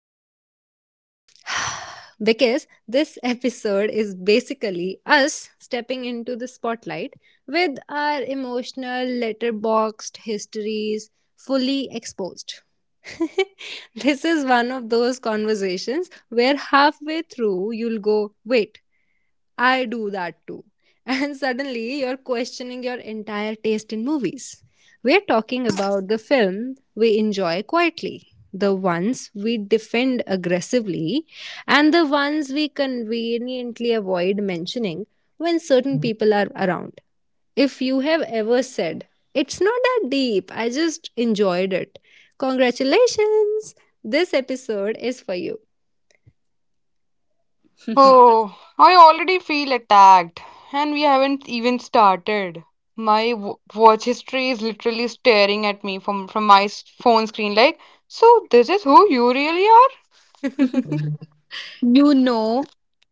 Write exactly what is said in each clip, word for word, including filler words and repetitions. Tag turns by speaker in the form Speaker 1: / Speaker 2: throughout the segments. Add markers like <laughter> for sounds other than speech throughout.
Speaker 1: everyone. <sighs> Because this episode is basically us stepping into the spotlight with our emotional, letterboxed histories fully exposed. <laughs> This is one of those conversations where halfway through you'll go, wait, I do that too. <laughs> And suddenly you're questioning your entire taste in movies. We're talking about the film we enjoy quietly, the ones we defend aggressively, and the ones we conveniently avoid mentioning when certain people are around. If you have ever said, it's not that deep, I just enjoyed it, congratulations! This episode is for you.
Speaker 2: Oh, I already feel attacked, and we haven't even started. My w watch history is literally staring at me from from my s- phone screen like, so this is who you really are? You know,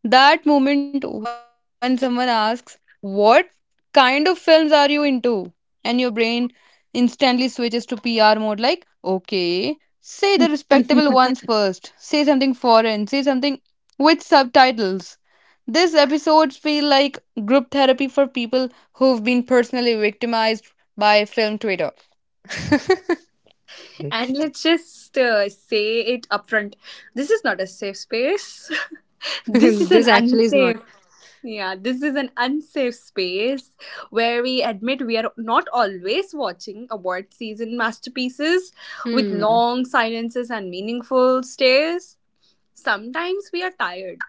Speaker 2: that moment when someone asks, "What kind of films are you into?" And your brain instantly switches to P R mode, like, okay, say the respectable
Speaker 1: <laughs>
Speaker 2: ones <laughs> first, say something foreign, say something with subtitles. These episodes feel like group therapy for people who've been personally victimized by film Twitter.
Speaker 3: And let's just uh, say it upfront. This is not a safe space. <laughs> This is
Speaker 1: This
Speaker 3: an
Speaker 1: actually is not.
Speaker 3: unsafe. Yeah, this is an unsafe space where we admit we are not always watching award season masterpieces with
Speaker 1: Hmm.
Speaker 3: long silences and meaningful stares. Sometimes we are tired,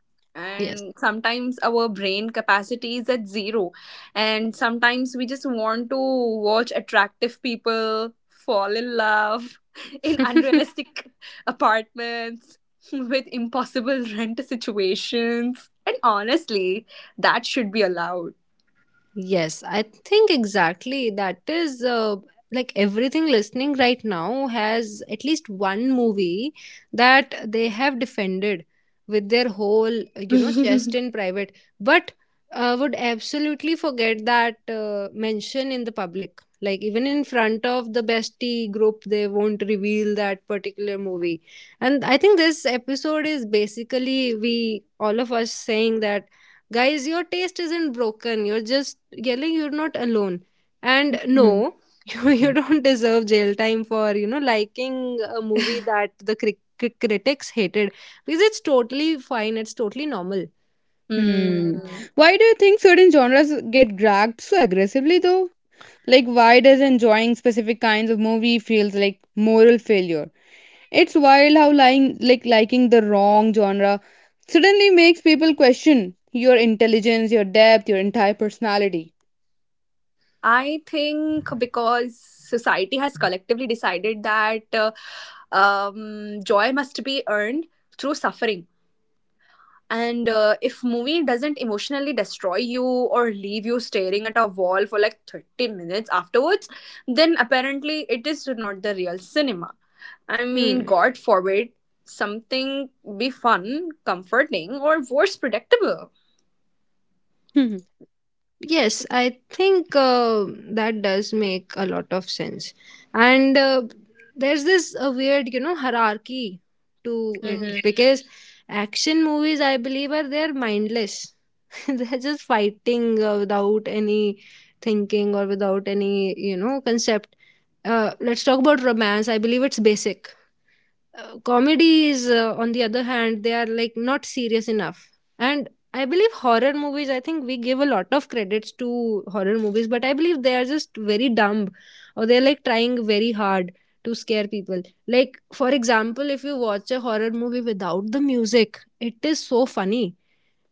Speaker 1: Yes.
Speaker 3: and sometimes our brain capacity is at zero, and sometimes we just want to watch attractive people fall in love <laughs> in
Speaker 1: <laughs>
Speaker 3: unrealistic apartments <laughs> with impossible rent situations, and honestly that should be allowed.
Speaker 1: Yes, I think exactly that is, uh, like everything listening right now has at least one movie that they have defended with their whole, you know, chest
Speaker 3: <laughs>
Speaker 1: in private, but uh, would absolutely forget that uh, mention in the public. Like, even in front of the bestie group, they won't reveal that particular movie. And I think this episode is basically we, all of us, saying that, guys, your taste isn't broken, you're just yelling, you're not alone, and
Speaker 2: Hmm.
Speaker 1: no. <laughs> you, you don't deserve jail time for, you know, liking a movie that the cri- cri- critics hated, because it's totally fine, it's totally normal.
Speaker 2: Hmm.
Speaker 3: Hmm.
Speaker 2: Why do you think certain genres get dragged so aggressively though? Like, why does enjoying specific kinds of movie feels like moral failure? It's wild how lying like liking the wrong genre suddenly makes people question your intelligence, your depth, your entire personality.
Speaker 3: I think because society has collectively decided that uh, um, joy must be earned through suffering. And uh, if movie doesn't emotionally destroy you or leave you staring at a wall for like thirty minutes afterwards, then apparently it is not the real cinema. I mean,
Speaker 1: Hmm.
Speaker 3: God forbid something be fun, comforting, or worse, predictable.
Speaker 2: <laughs>
Speaker 1: Yes, I think uh, that does make a lot of sense. And uh, there's this uh, weird, you know, hierarchy to it,
Speaker 3: Mhm.
Speaker 1: because action movies, I believe, are they're mindless. <laughs> They're just fighting uh, without any thinking, or without any, you know, concept. Uh, let's talk about romance. I believe it's basic. Uh, comedies, uh, on the other hand, they are like not serious enough. And I believe horror movies, I think we give a lot of credits to horror movies, but I believe they are just very dumb, or they're like trying very hard to scare people. Like, for example, if you watch a horror movie without the music, it is so funny.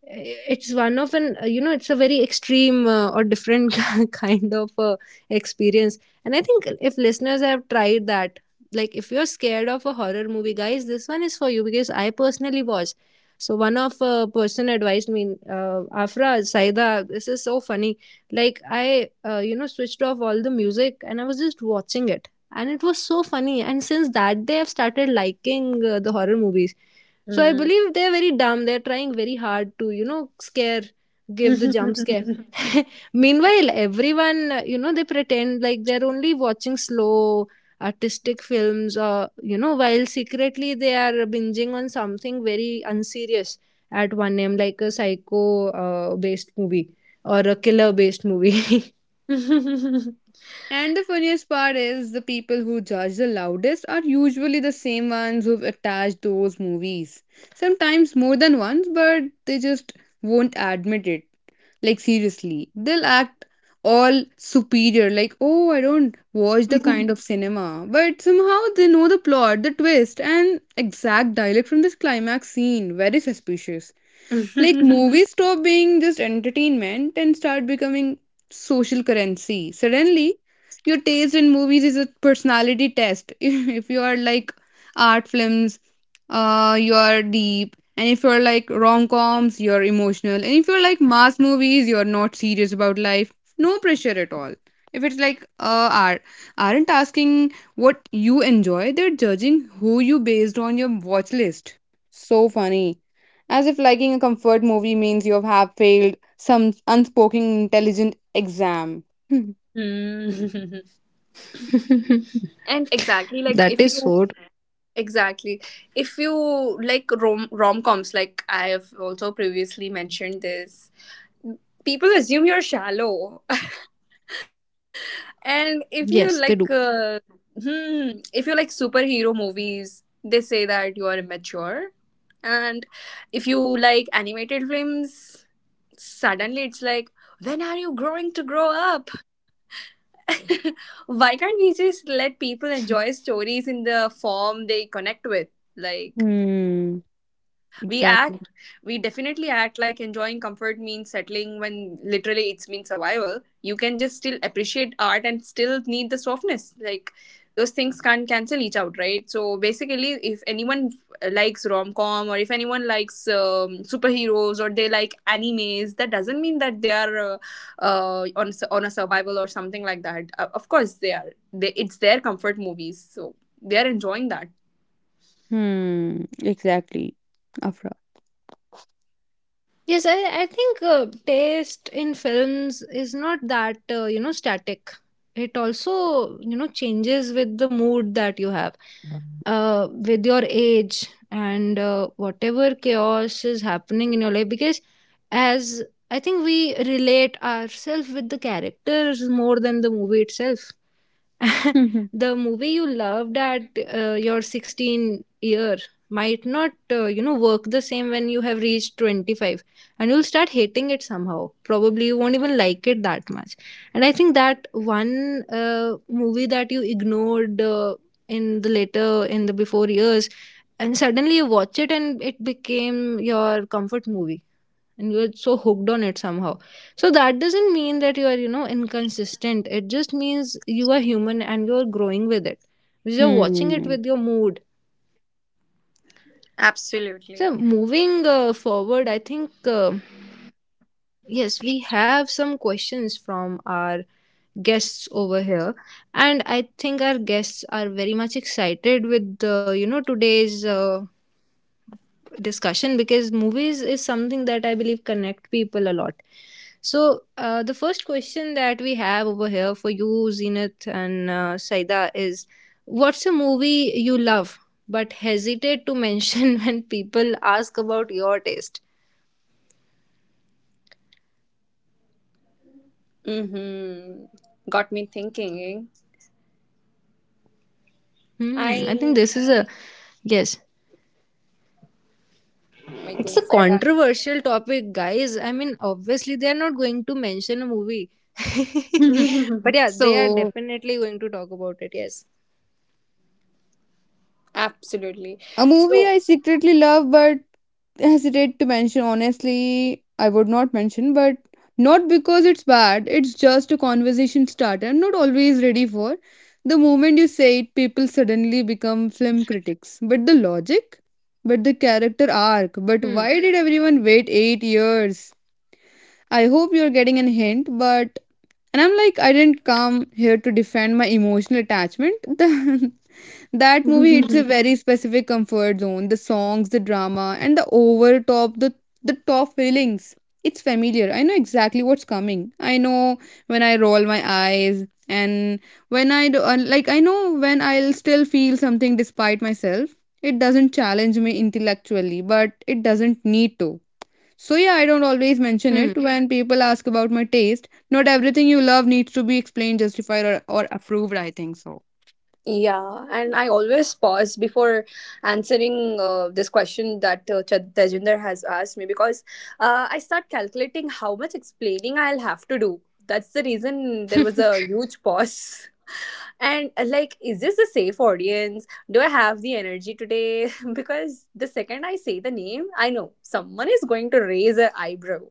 Speaker 1: It's one of an, you know, it's a very extreme uh, or different <laughs> kind of uh, experience. And I think if listeners have tried that, like if you're scared of a horror movie, guys, this one is for you, because I personally was. So one of uh, person advised me, uh, Afra, Saida, this is so funny. Like, I uh, you know, switched off all the music and I was just watching it, and it was so funny. And since that day, I've started liking uh, the horror movies. So I believe they're very dumb. They're trying very hard to, you know, scare, give the jump scare. <laughs> Meanwhile, everyone, uh, you know, they pretend like they're only watching slow artistic films, or, you know, while secretly they are binging on something very unserious at one a m, like a psycho uh, based movie, or a killer based movie.
Speaker 2: And the funniest part is the people who judge the loudest are usually the same ones who've attached those movies. Sometimes more than once, but they just won't admit it. Like, seriously, they'll act all superior, like, oh, I don't watch the kind of
Speaker 3: <laughs>
Speaker 2: cinema. But somehow they know the plot, the twist, and exact dialect from this climax scene. Very suspicious. Like,
Speaker 3: <laughs>
Speaker 2: movies stop being just entertainment and start becoming social currency. Suddenly, your taste in movies is a personality test. <laughs> If if you are like art films, uh, you are deep. And if you're like rom coms, you're emotional. And if you're like mass movies, you're not serious about life. No pressure at all. If it's like, uh are aren't asking what you enjoy, they're judging who you based on your watch list. So funny, as if liking a comfort movie means you have failed some unspoken intelligent exam. Hmm.
Speaker 3: Mm. <laughs>
Speaker 1: <laughs>
Speaker 3: And exactly, like
Speaker 1: That
Speaker 3: if
Speaker 1: is
Speaker 3: you,
Speaker 1: so.
Speaker 3: exactly, if you like rom rom-coms, like I have also previously mentioned this, people assume you're shallow. <laughs> And if you like
Speaker 1: Yes, they do.
Speaker 3: uh, hmm, if you like superhero movies, they say that you are immature. And if you like animated films, suddenly it's like, when are you growing to grow up? <laughs> Why can't we just let people enjoy stories in the form they connect with? Like,
Speaker 2: Hmm.
Speaker 3: we
Speaker 2: Exactly.
Speaker 3: act, we definitely act like enjoying comfort means settling, when literally it's mean survival. You can just still appreciate art and still need the softness. Like, those things can't cancel each out, right? So basically, if anyone likes rom com, or if anyone likes um, superheroes, or they like animes, that doesn't mean that they are uh, uh, on on a survival or something like that. Uh, of course, they are. They, it's their comfort movies, so they are enjoying that.
Speaker 2: Hmm. Exactly. Afra.
Speaker 1: Yes, I, I think uh, taste in films is not that, uh, you know, static. It also, you know, changes with the mood that you have, uh, with your age, and uh, whatever chaos is happening in your life. Because as I think we relate ourselves with the characters more than the movie itself. <laughs>
Speaker 2: <laughs>
Speaker 1: The movie you loved at uh, your sixteen year might not, uh, you know, work the same when you have reached twenty-five, and you'll start hating it somehow. Probably you won't even like it that much. And I think that one uh, movie that you ignored, uh, in the later, in the before years, and suddenly you watch it and it became your comfort movie, and you're so hooked on it somehow. So that doesn't mean that you are, you know, inconsistent. It just means you are human, and you're growing with it, you're watching it
Speaker 2: Hmm.
Speaker 1: with your mood. So
Speaker 3: Absolutely.
Speaker 1: moving uh, forward, I think, uh, yes, we have some questions from our guests over here, and I think our guests are very much excited with, uh, you know, today's uh, discussion, because movies is something that I believe connect people a lot. So, uh, the first question that we have over here for you, Zenith, and uh, Saida, is what's a movie you love but hesitate to mention <laughs> when people ask about your taste?
Speaker 3: Mm-hmm. Got me thinking.
Speaker 1: Hmm, I think
Speaker 3: I
Speaker 1: this is a yes. It's a controversial topic, guys. I mean, obviously they are not going to mention a movie, <laughs>
Speaker 2: <laughs>
Speaker 1: but yeah, they are
Speaker 2: So,
Speaker 1: definitely going to talk about it. Yes.
Speaker 3: absolutely.
Speaker 2: a movie
Speaker 3: So,
Speaker 2: I secretly love but hesitate to mention. Honestly, I would not mention, but not because it's bad. It's just a conversation starter I'm not always ready for. The moment you say it, people suddenly become film critics. But the logic, but the character arc, but
Speaker 1: Hmm.
Speaker 2: why did everyone wait eight years? I hope you're getting a hint. But and I'm like, I didn't come here to defend my emotional attachment. <laughs> That movie hits
Speaker 3: <laughs>
Speaker 2: a very specific comfort zone. The songs, the drama, and the overtop, the the top feelings. It's familiar. I know exactly what's coming. I know when I roll my eyes and when I do, uh, like I know when I'll still feel something despite myself. It doesn't challenge me intellectually, but it doesn't need to. So yeah, I don't always mention
Speaker 1: Hmm.
Speaker 2: it when people ask about my taste. Not everything you love needs to be explained, justified, or, or approved. I think so.
Speaker 3: yeah, and I always pause before answering uh, this question that uh, Ch- Tejinder has asked me, because uh, I start calculating how much explaining I'll have to do. That's the reason there was a huge pause. And uh, like, is this a safe audience? Do I have the energy today? <laughs> Because the second I say the name, I know someone is going to raise an eyebrow.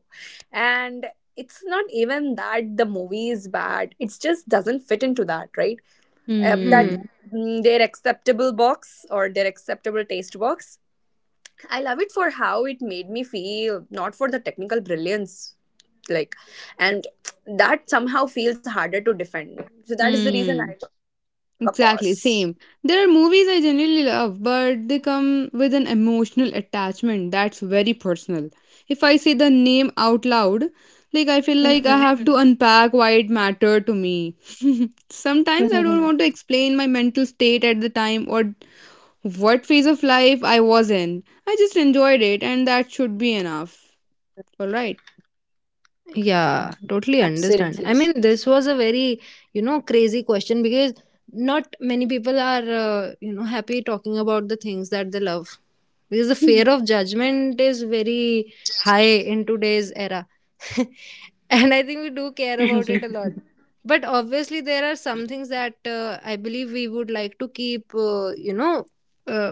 Speaker 3: And it's not even that the movie is bad, it just doesn't fit into that, right? Uh, that
Speaker 1: Hmm.
Speaker 2: Hmm.
Speaker 3: mm, their acceptable box, or their acceptable taste box. I love it for how it made me feel, not for the technical brilliance. Like, and that somehow feels harder to defend. So that is the reason I
Speaker 2: Hmm.
Speaker 3: took a pause.
Speaker 2: Exactly. Same. There are movies I generally love, but they come with an emotional attachment that's very personal. If I say the name out loud, like I feel like
Speaker 3: Mhm.
Speaker 2: I have to unpack why it mattered to me. <laughs> Sometimes I don't
Speaker 3: <laughs>
Speaker 2: want to explain my mental state at the time or what phase of life I was in. I just enjoyed it, and that should be enough. All right.
Speaker 3: Absolutely.
Speaker 1: Yeah, totally understand. I mean, this was a very, you know, crazy question, because not many people are, uh, you know, happy talking about the things that they love. Because the fear
Speaker 2: <laughs>
Speaker 1: of judgment is very high in today's era. <laughs> And I think we
Speaker 3: <laughs>
Speaker 1: do care about it a lot. But obviously, there are some things that uh, I believe we would like to keep, uh, you know, uh,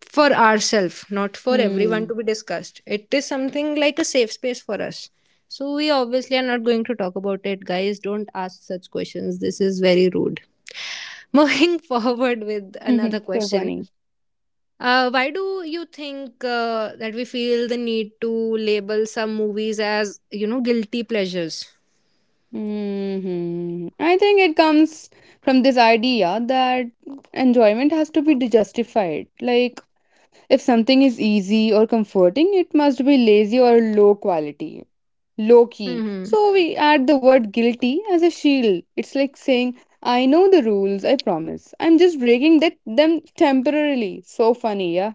Speaker 1: for ourselves, not for everyone
Speaker 2: Hmm.
Speaker 1: to be discussed. It is something like a safe space for us. So we obviously are not going to talk about it, guys. Don't ask such questions. This is very rude. <laughs> Moving forward with another
Speaker 2: <laughs> So
Speaker 1: question.
Speaker 2: funny.
Speaker 1: Uh, why do you think uh, that we feel the need to label some movies as, you know, guilty pleasures?
Speaker 2: Mhm. I think it comes from this idea that enjoyment has to be justified. Like, if something is easy or comforting, it must be lazy or low quality, low key.
Speaker 1: Mm-hmm.
Speaker 2: So, we add the word guilty as a shield. It's like saying, I know the rules, I promise. I'm just breaking that, them temporarily. So funny, yeah?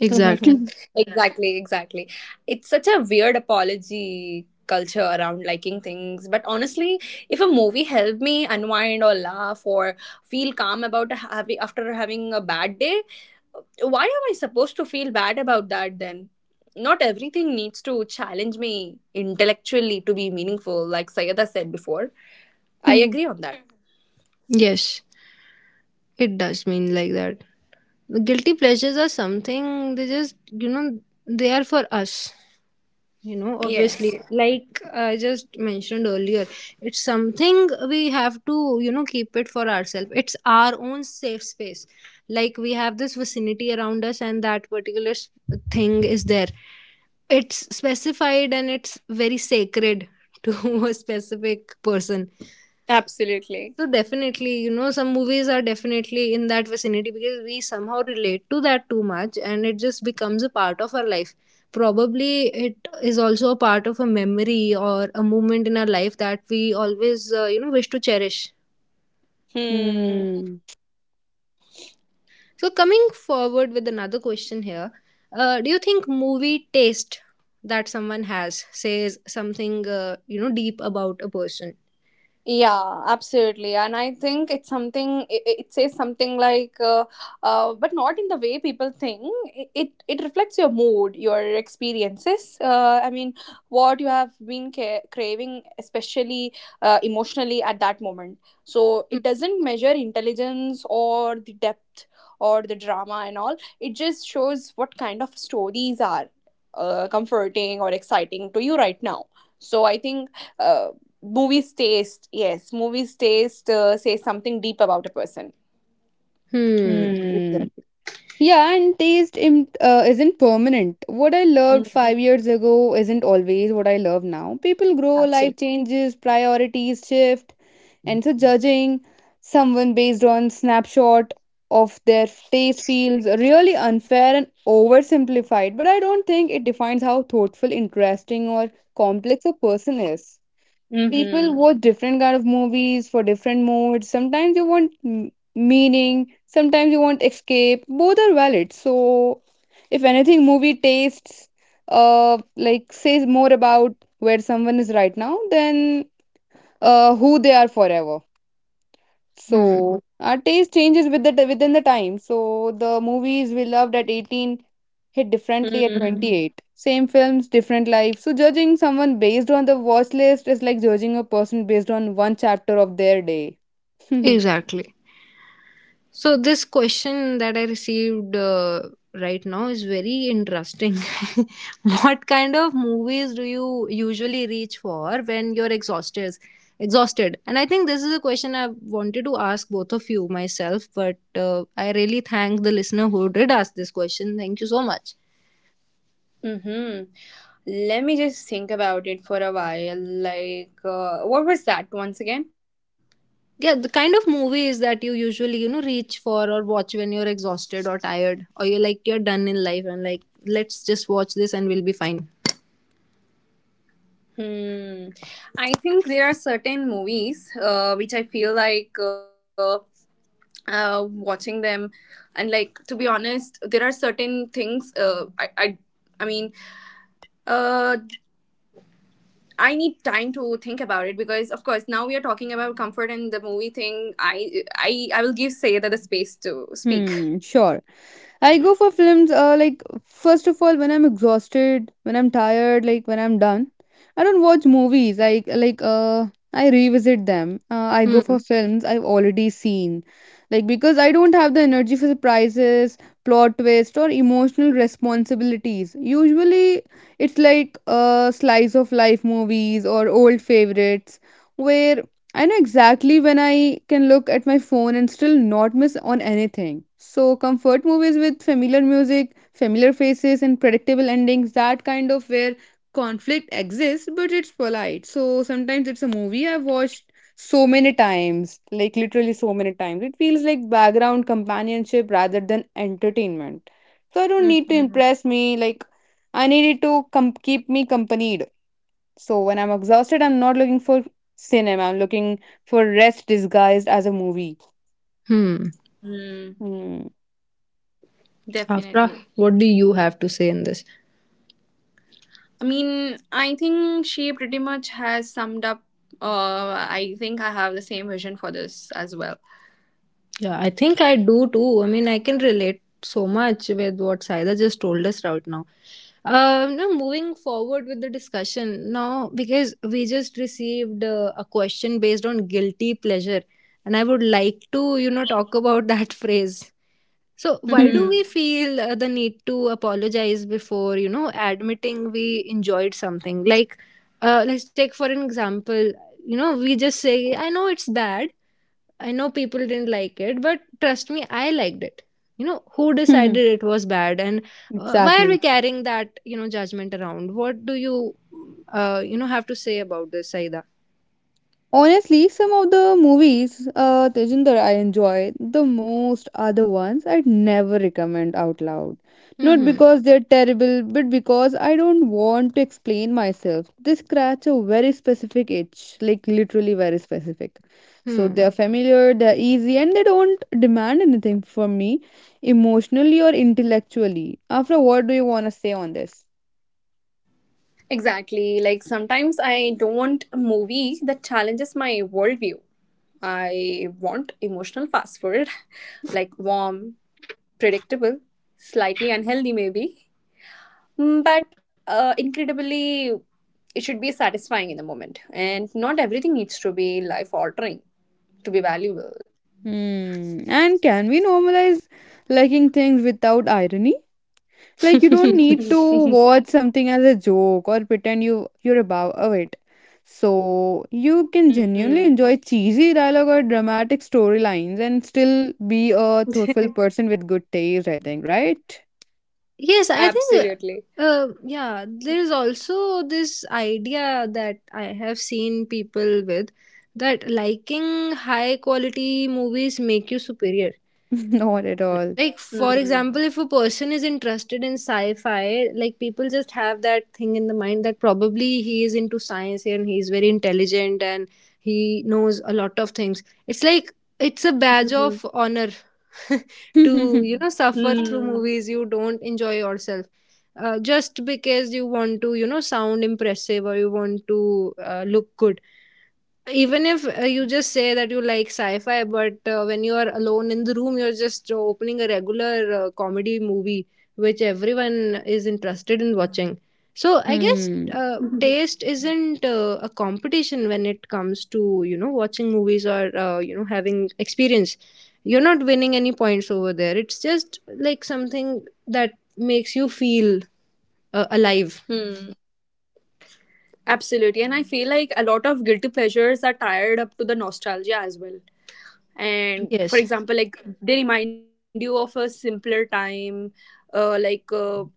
Speaker 1: Exactly.
Speaker 2: <laughs>
Speaker 3: Exactly, exactly. It's such a weird apology culture around liking things. But honestly, if a movie helped me unwind or laugh or feel calm about having after having a bad day, why am I supposed to feel bad about that then? Not everything needs to challenge me intellectually to be meaningful, like Sayada said before. I
Speaker 2: Hmm.
Speaker 3: agree on that.
Speaker 1: Yes, it does mean like that. The guilty pleasures are something, they just, you know, they are for us. You know, obviously,
Speaker 3: Yes.
Speaker 1: like I just mentioned earlier, it's something we have to, you know, keep it for ourselves, it's our own safe space. Like we have this vicinity around us, and that particular s- thing is there. It's specified, and it's very sacred to <laughs> a specific person.
Speaker 3: Absolutely.
Speaker 1: So definitely, you know, some movies are definitely in that vicinity, because we somehow relate to that too much, and it just becomes a part of our life. Probably it is also a part of a memory or a moment in our life that we always, uh, you know, wish to cherish.
Speaker 3: Hmm.
Speaker 1: So coming forward with another question here, uh, do you think movie taste that someone has says something, uh, you know, deep about a person?
Speaker 3: Yeah, absolutely. And I think it's something, it, it says something like, uh, uh, but not in the way people think. It, it, it reflects your mood, your experiences. Uh, I mean, what you have been ca- craving, especially uh, emotionally at that moment. So
Speaker 1: Hmm.
Speaker 3: it doesn't measure intelligence or the depth or the drama and all. It just shows what kind of stories are uh, comforting or exciting to you right now. So I think. Uh, movies taste yes, movies taste uh, say something deep about a person.
Speaker 1: Hmm.
Speaker 2: Hmm. Yeah, and taste im- uh, isn't permanent. What I loved
Speaker 3: Mm,
Speaker 2: five years ago isn't always what I love now. People grow, life
Speaker 3: absolutely.
Speaker 2: changes, priorities shift, and so judging someone based on snapshot of their taste feels really unfair and oversimplified. But I don't think it defines how thoughtful, interesting, or complex a person is. People
Speaker 3: Mhm.
Speaker 2: watch different kind of movies for different moods. Sometimes you want m- meaning, sometimes you want escape. Both are valid. So if anything, movie tastes uh like, says more about where someone is right now than uh who they are forever.
Speaker 1: Hmm.
Speaker 2: So our taste changes with the within the time. So the movies we loved at eighteen hit differently at Mhm.
Speaker 3: Mhm.
Speaker 2: twenty-eight. Same films, different life. So judging someone based on the watch list is like judging a person based on one chapter of their day. <laughs>
Speaker 1: Exactly. So this question that I received uh, right now is very interesting. <laughs> What kind of movies do you usually reach for when you're exhausted? Exhausted, and I think this is a question I wanted to ask both of you myself. But uh, I really thank the listener who did ask this question. Thank you so much.
Speaker 3: Mhm. Let me just think about it for a while. Like, uh, what was that once again?
Speaker 1: Yeah, the kind of movies that you usually, you know, reach for or watch when you're exhausted or tired, or you're like, you're done in life, and like, let's just watch this and we'll be fine.
Speaker 3: Hmm. I think there are certain movies uh, which I feel like uh, uh, watching them, and like to be honest, there are certain things. Uh, I, I, I mean, uh, I need time to think about it because, of course, now we are talking about comfort and the movie thing. I I I will give Sayeda the space to speak.
Speaker 2: Hmm, sure. I go for films, uh, like, first of all, when I'm exhausted, when I'm tired, like when I'm done. I don't watch movies. I like, uh I revisit them. Uh, I go
Speaker 1: Hmm.
Speaker 2: for films I've already seen. Like, because I don't have the energy for surprises, plot twist or emotional responsibilities. Usually it's like, uh, slice of life movies or old favorites where I know exactly when I can look at my phone and still not miss on anything. So, comfort movies with familiar music, familiar faces, and predictable endings, that kind of where conflict exists, but it's polite. So, sometimes it's a movie I've watched so many times, like literally so many times. It feels like background companionship rather than entertainment. So, I don't need to
Speaker 3: Hmm.
Speaker 2: impress me, like, I need it to com- keep me company. So when I'm exhausted, I'm not looking for cinema. I'm looking for rest disguised as a movie.
Speaker 1: Hmm.
Speaker 2: Hmm.
Speaker 1: Afra,
Speaker 3: Definitely.
Speaker 1: what do you have to say in this?
Speaker 3: I mean, I think she pretty much has summed up. Uh, I think I have the same vision for this as well.
Speaker 1: Yeah, I think I do too. I mean, I can relate so much with what Saida just told us right now. Um, now moving forward with the discussion now, because we just received uh, a question based on guilty pleasure, and I would like to, you know, talk about that <laughs> phrase. So, why
Speaker 3: Hmm.
Speaker 1: do
Speaker 2: <laughs>
Speaker 1: we feel uh, the need to apologize before, you know, admitting we enjoyed something? Like, uh, let's take for an example, you know, we just say, I know it's bad, I know people didn't like it, but trust me, I liked it. You know, who decided it was bad, and uh, why are we
Speaker 2: Exactly.
Speaker 1: carrying that, you know, judgment around? What do you, uh, you know, have to say about this, Saida?
Speaker 2: Honestly, some of the movies, uh, Tejinder, I enjoy the most are the ones I'd never recommend out loud. Not
Speaker 1: Mm-hmm.
Speaker 2: because they're terrible, but because I don't want to explain myself. They scratch a very specific itch, like literally very specific. So
Speaker 1: Hmm.
Speaker 2: they're familiar, they're easy, and they don't demand anything from me emotionally or intellectually. After what do you want to say on this?
Speaker 3: Exactly. Like, sometimes I don't want a movie that challenges my worldview. I want emotional fast food, <laughs> like warm, predictable, slightly unhealthy maybe, mm, but uh, incredibly, it should be satisfying in the moment. And not everything needs to be life altering to be valuable.
Speaker 2: Hmm. And can we normalize liking things without irony? Like, you don't
Speaker 1: <laughs>
Speaker 2: need to watch something as a joke or pretend you you're above of it. So you can
Speaker 3: Mm,
Speaker 2: genuinely enjoy cheesy dialogue or dramatic storylines and still be a thoughtful person with good taste, I think, right?
Speaker 1: Yes, I think,
Speaker 3: absolutely.
Speaker 1: uh, yeah, there is also this idea that I have seen people with, that liking high quality movies make you superior.
Speaker 2: <laughs> Not at
Speaker 1: Right.
Speaker 2: all.
Speaker 1: Like, for example,
Speaker 3: Mm.
Speaker 1: if a person is interested in sci-fi, like, people just have that thing in the mind that probably he is into science, and he's very intelligent, and he knows a lot of things. It's like it's a badge of
Speaker 3: Mhm.
Speaker 1: honor <laughs> to, you
Speaker 2: <laughs>
Speaker 1: know, suffer through
Speaker 3: Mm.
Speaker 1: movies you don't enjoy yourself, uh, just because you want to, you know, sound impressive, or you want to, uh, look good. Even if, uh, you just say that you like sci-fi, but uh, when you are alone in the room, you're just, uh, opening a regular uh, comedy movie, which everyone is interested in watching. So I guess,
Speaker 2: Hmm.
Speaker 1: uh,
Speaker 3: <laughs>
Speaker 1: taste isn't uh, a competition when it comes to, you know, watching movies, or, uh, you know, having experience. You're not winning any points over there, it's just like something that makes you feel uh, alive.
Speaker 3: Hmm. Absolutely. And I feel like a lot of guilty pleasures are tied up to the nostalgia as well.
Speaker 1: Yes.
Speaker 3: And for example, like, they remind you of a simpler time, uh, like uh,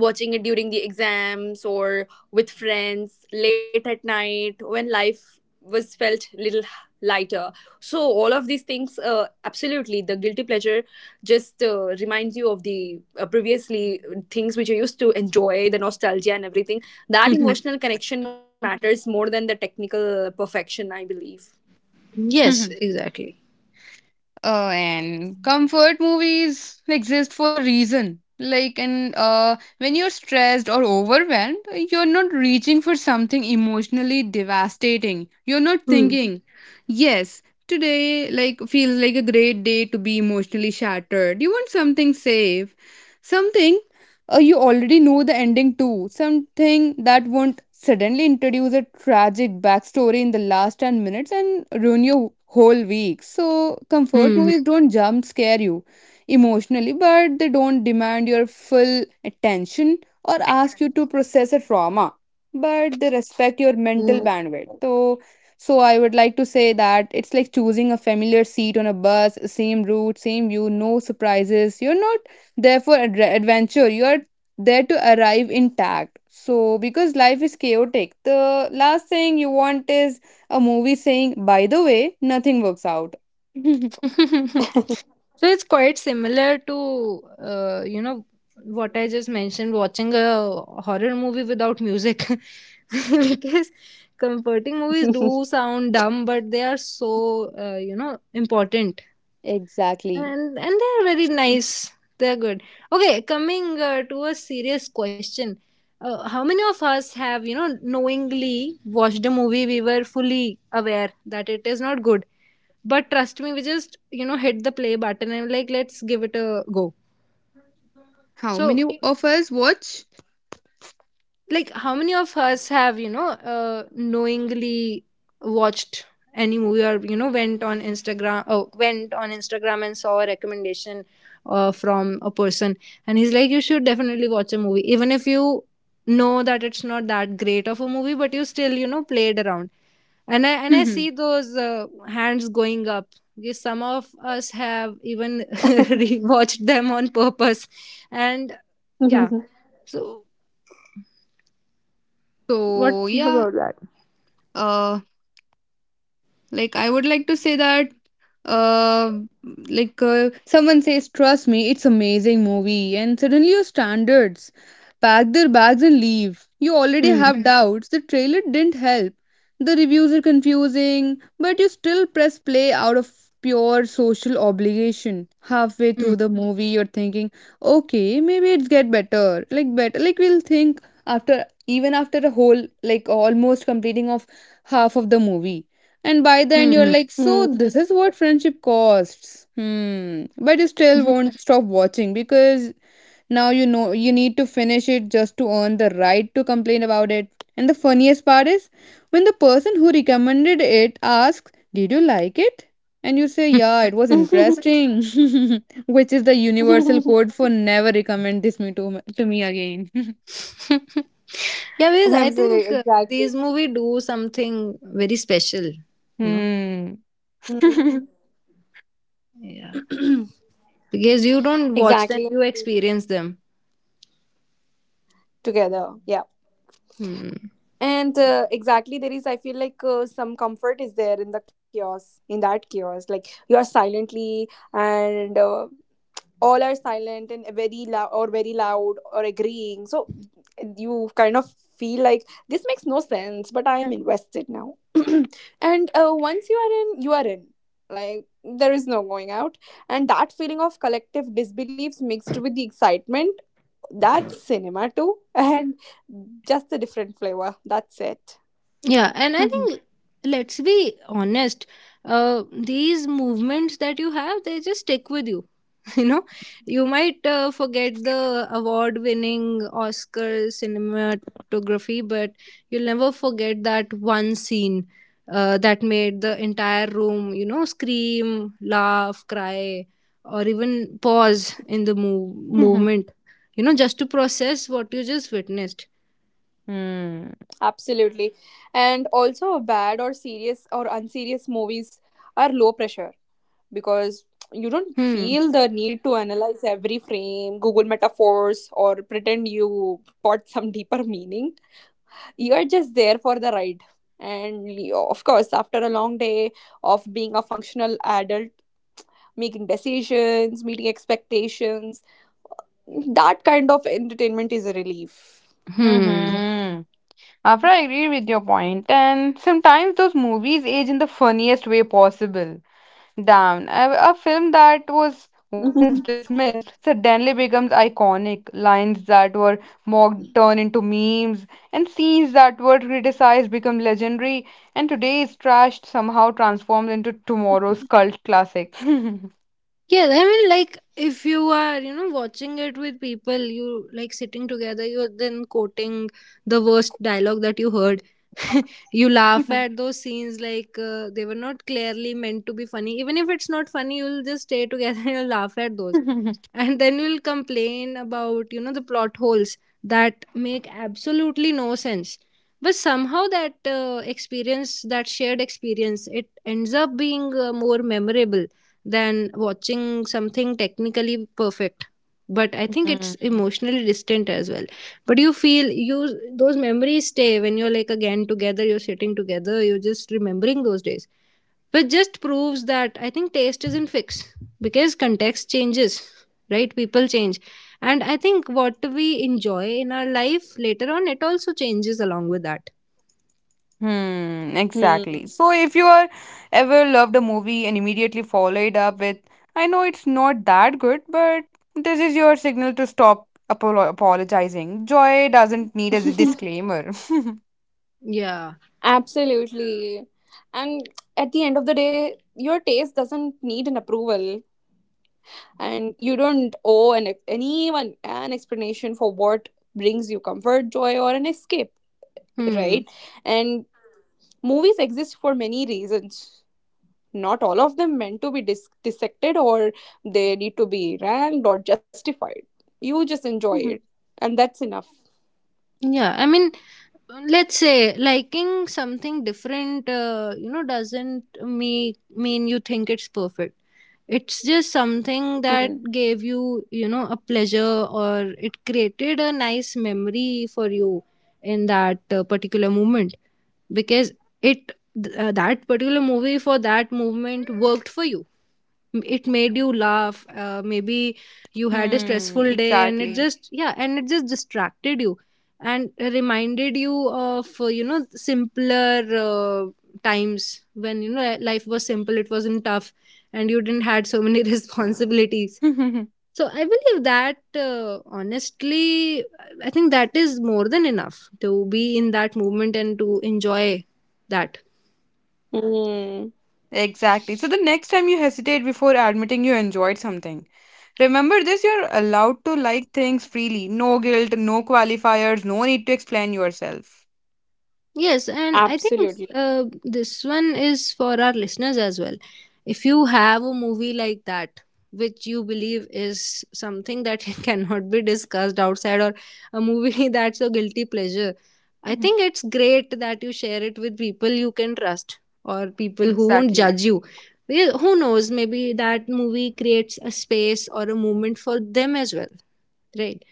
Speaker 3: watching it during the exams or with friends late at night when life was felt little lighter. So all of these things, uh, absolutely, the guilty pleasure just uh, reminds you of the uh, previously uh, things which you used to enjoy, the nostalgia and everything. That emotional connection matters more than the technical perfection, I believe.
Speaker 1: <laughs> Yes,
Speaker 2: <laughs>
Speaker 1: exactly.
Speaker 2: Oh, and comfort movies exist for a reason. Like, and uh, when you're stressed or overwhelmed, you're not reaching for something emotionally devastating. You're not
Speaker 1: Hmm.
Speaker 2: thinking, yes, today, like, feels like a great day to be emotionally shattered. You want something safe, something, uh, you already know the ending too. Something that won't suddenly introduce a tragic backstory in the last ten minutes and ruin your whole week. So, comfort
Speaker 1: Hmm.
Speaker 2: movies don't jump scare you emotionally, but they don't demand your full attention or ask you to process a trauma. But they respect your mental bandwidth. So, so I would like to say that it's like choosing a familiar seat on a bus, same route, same view, no surprises. You're not therefore adre- adventure, you are there to arrive intact. So, because life is chaotic, the last thing you want is a movie saying, by the way, nothing works out. <laughs>
Speaker 1: <laughs> So it's quite similar to uh, you know what I just mentioned, watching a horror movie without music. <laughs> Because comforting movies do sound dumb, but they are so uh, you know important.
Speaker 2: Exactly.
Speaker 1: And and they are very nice, they're good. Okay, coming uh, to a serious question. Uh, how many of us have you know knowingly watched a movie we were fully aware that it is not good? But trust me, we just, you know, hit the play button and like, let's give it a go.
Speaker 2: How
Speaker 1: So
Speaker 2: many of us watch?
Speaker 1: like, how many of us have you know uh, knowingly watched any movie, or you know went on Instagram, oh, went on Instagram and saw a recommendation uh, from a person, and he's like, you should definitely watch a movie even if you know that it's not that great of a movie, but you still you know played around. And i and i see those uh, hands going up, because some of us have even <laughs> rewatched them on purpose. And yeah, so
Speaker 2: <laughs>
Speaker 1: what
Speaker 2: So yeah,
Speaker 1: about that?
Speaker 2: uh like, I would like to say that, uh like uh, someone says trust me, it's amazing movie, and suddenly your standards pack their bags and leave. You already
Speaker 1: Hmm.
Speaker 2: have doubts. The trailer didn't help, the reviews are confusing, but you still press play out of pure social obligation. Halfway
Speaker 1: Hmm.
Speaker 2: through the movie you're thinking, okay, maybe it's get better, like better, like we'll think, after even after a whole, like almost completing of half of the movie. And by the end, you're
Speaker 1: Hmm.
Speaker 2: like, so this is what friendship costs. Hmm. But you still
Speaker 1: Hmm.
Speaker 2: won't stop watching because now you know you need to finish it just to earn the right to complain about it. And the funniest part is when the person who recommended it asks, did you like it? And you say, yeah, it was
Speaker 3: <laughs>
Speaker 2: interesting, <laughs> which is the universal code for never recommend this me to, to me again. <laughs>
Speaker 1: <laughs> Yeah, because I
Speaker 3: Absolutely,
Speaker 1: think uh,
Speaker 3: exactly.
Speaker 1: these movies do something very special, you know.
Speaker 2: Hmm.
Speaker 3: Hmm.
Speaker 1: Yeah, because you don't watch them,
Speaker 3: Exactly.
Speaker 1: you experience them.
Speaker 3: Together. Yeah.
Speaker 1: Hmm.
Speaker 3: And uh, exactly, there is, I feel like uh, some comfort is there in the chaos, in that chaos, like you are silently and uh, all are silent and very loud, or very loud or agreeing. So you kind of feel like this makes no sense, but I am invested now. <clears throat> And uh, once you are in, you are in. Like, there is no going out. And that feeling of collective disbeliefs mixed with the excitement, that's cinema too. <laughs> And just a different flavor, that's it.
Speaker 1: Yeah, and I
Speaker 2: <laughs>
Speaker 1: think let's be honest. Uh, these movements that you have, they just stick with you. <laughs> you know you might uh, forget the award winning Oscar cinematography, but you'll never forget that one scene uh, that made the entire room you know scream, laugh, cry, or even pause in the move-
Speaker 2: Hmm.
Speaker 1: movement, you know just to process what you just witnessed.
Speaker 3: Absolutely. And also, bad or serious or unserious movies are low pressure, because you don't
Speaker 1: Hmm.
Speaker 3: feel the need to analyze every frame, Google metaphors, or pretend you got some deeper <laughs> meaning. You're just there for the ride. And you- of course, after a long day of being a functional adult, making decisions, meeting expectations, that kind of entertainment is a relief.
Speaker 1: Hmm.
Speaker 2: Hmm. After, I agree with your point, and sometimes those movies age in the funniest way possible. Down. A, a film that was once
Speaker 3: <laughs>
Speaker 2: dismissed suddenly becomes iconic. Lines that were mocked turn into memes, and scenes that were criticized become legendary, and today's trash somehow transforms into tomorrow's cult classic. <laughs>
Speaker 1: Yeah, I mean, like, if you are you know watching it with people, you like sitting together, you're then quoting the worst dialogue that you heard. <laughs> You laugh at those scenes like uh, they were not clearly meant to be funny. Even if it's not funny, you'll just stay together <laughs> and you'll laugh at those. And then you'll complain about, you know, the plot holes that make absolutely no sense. But somehow that uh, experience, that shared experience, it ends up being uh, more memorable than watching something technically perfect, but I think
Speaker 2: Hmm.
Speaker 1: it's emotionally distant as well. But you feel, you, those memories stay when you're like again together, you're sitting together, you're just remembering those days, which just proves that I think taste isn't fixed, because context changes, right? People change, and I think what we enjoy in our life later on, it also changes along with that.
Speaker 2: Hmm, exactly.
Speaker 3: Hmm.
Speaker 2: So if you are ever loved a movie and immediately follow it up with, I know it's not that good, but this is your signal to stop apolo apologizing. Joy doesn't need a
Speaker 3: <laughs>
Speaker 2: disclaimer. <laughs>
Speaker 1: Yeah.
Speaker 3: Absolutely. And at the end of the day, your taste doesn't need an approval, and you don't owe an, anyone an explanation for what brings you comfort, joy, or an escape,
Speaker 1: Hmm.
Speaker 3: right? And movies exist for many reasons. Not all of them meant to be dis- dissected, or they need to be ranked or justified. You just enjoy it, and that's enough.
Speaker 1: Yeah, I mean, let's say liking something different, uh, you know doesn't me mean you think it's perfect. It's just something
Speaker 3: Hmm.
Speaker 1: that gave you, you know a pleasure, or it created a nice memory for you in that uh, particular moment. Because it, th- uh, that particular movie for that movement worked for you. M- it made you laugh. Uh, maybe you had a
Speaker 2: Hmm,
Speaker 1: stressful day and it
Speaker 2: exactly.
Speaker 1: just, yeah, and it just distracted you, and reminded you of uh, you know simpler uh, times, when you know life was simple, it wasn't tough, and you didn't had so many <laughs> responsibilities.
Speaker 2: <laughs>
Speaker 1: So I believe that, uh, honestly, I think that is more than enough to be in that movement and to enjoy that.
Speaker 3: Hmm.
Speaker 2: Exactly. So the next time you hesitate before admitting you enjoyed something, remember this, you're allowed to like things freely. No guilt, no qualifiers, no need to explain yourself.
Speaker 1: Yes, and I think
Speaker 3: Absolutely.
Speaker 1: uh, this one is for our listeners as well. If you have a movie like that, which you believe is something that <laughs> cannot be discussed outside, or a movie <laughs> that's a guilty pleasure, I think it's great that you share it with people you can trust, or
Speaker 2: <laughs>
Speaker 1: people who won't
Speaker 2: Exactly.
Speaker 1: judge you. Well, who knows, maybe that movie creates a space or a moment for them as well, right?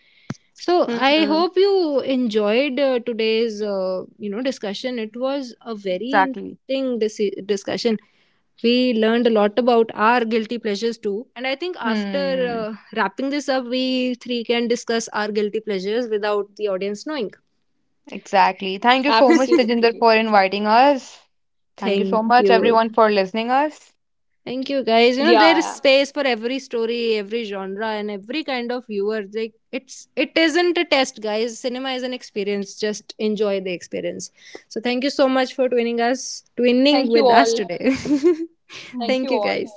Speaker 1: So
Speaker 3: Hmm.
Speaker 1: I hope you enjoyed uh, today's uh, you know discussion. It was a very
Speaker 2: Exactly.
Speaker 1: interesting dis- discussion. We learned a lot about our guilty pleasures too, and I think after
Speaker 2: Hmm.
Speaker 1: uh, wrapping this up, we three can discuss our guilty pleasures without the audience knowing.
Speaker 2: Exactly. Thank you so much,
Speaker 3: Absolutely.
Speaker 1: <laughs>
Speaker 2: Tejinder, for inviting us. Thank you so
Speaker 1: Thank
Speaker 2: much,
Speaker 1: you.
Speaker 2: everyone, for listening us.
Speaker 1: Thank you, guys. You know,
Speaker 3: Yeah,
Speaker 1: there is space for every story, every genre, and every kind of viewer. Like, it's it isn't a test, guys. Cinema is an experience. Just enjoy the experience. So thank you so much for twinning us, twinning
Speaker 3: thank you
Speaker 1: with us
Speaker 3: all.
Speaker 1: today. <laughs>
Speaker 3: Thank
Speaker 1: Thank
Speaker 3: you
Speaker 1: you,
Speaker 3: all.
Speaker 1: guys.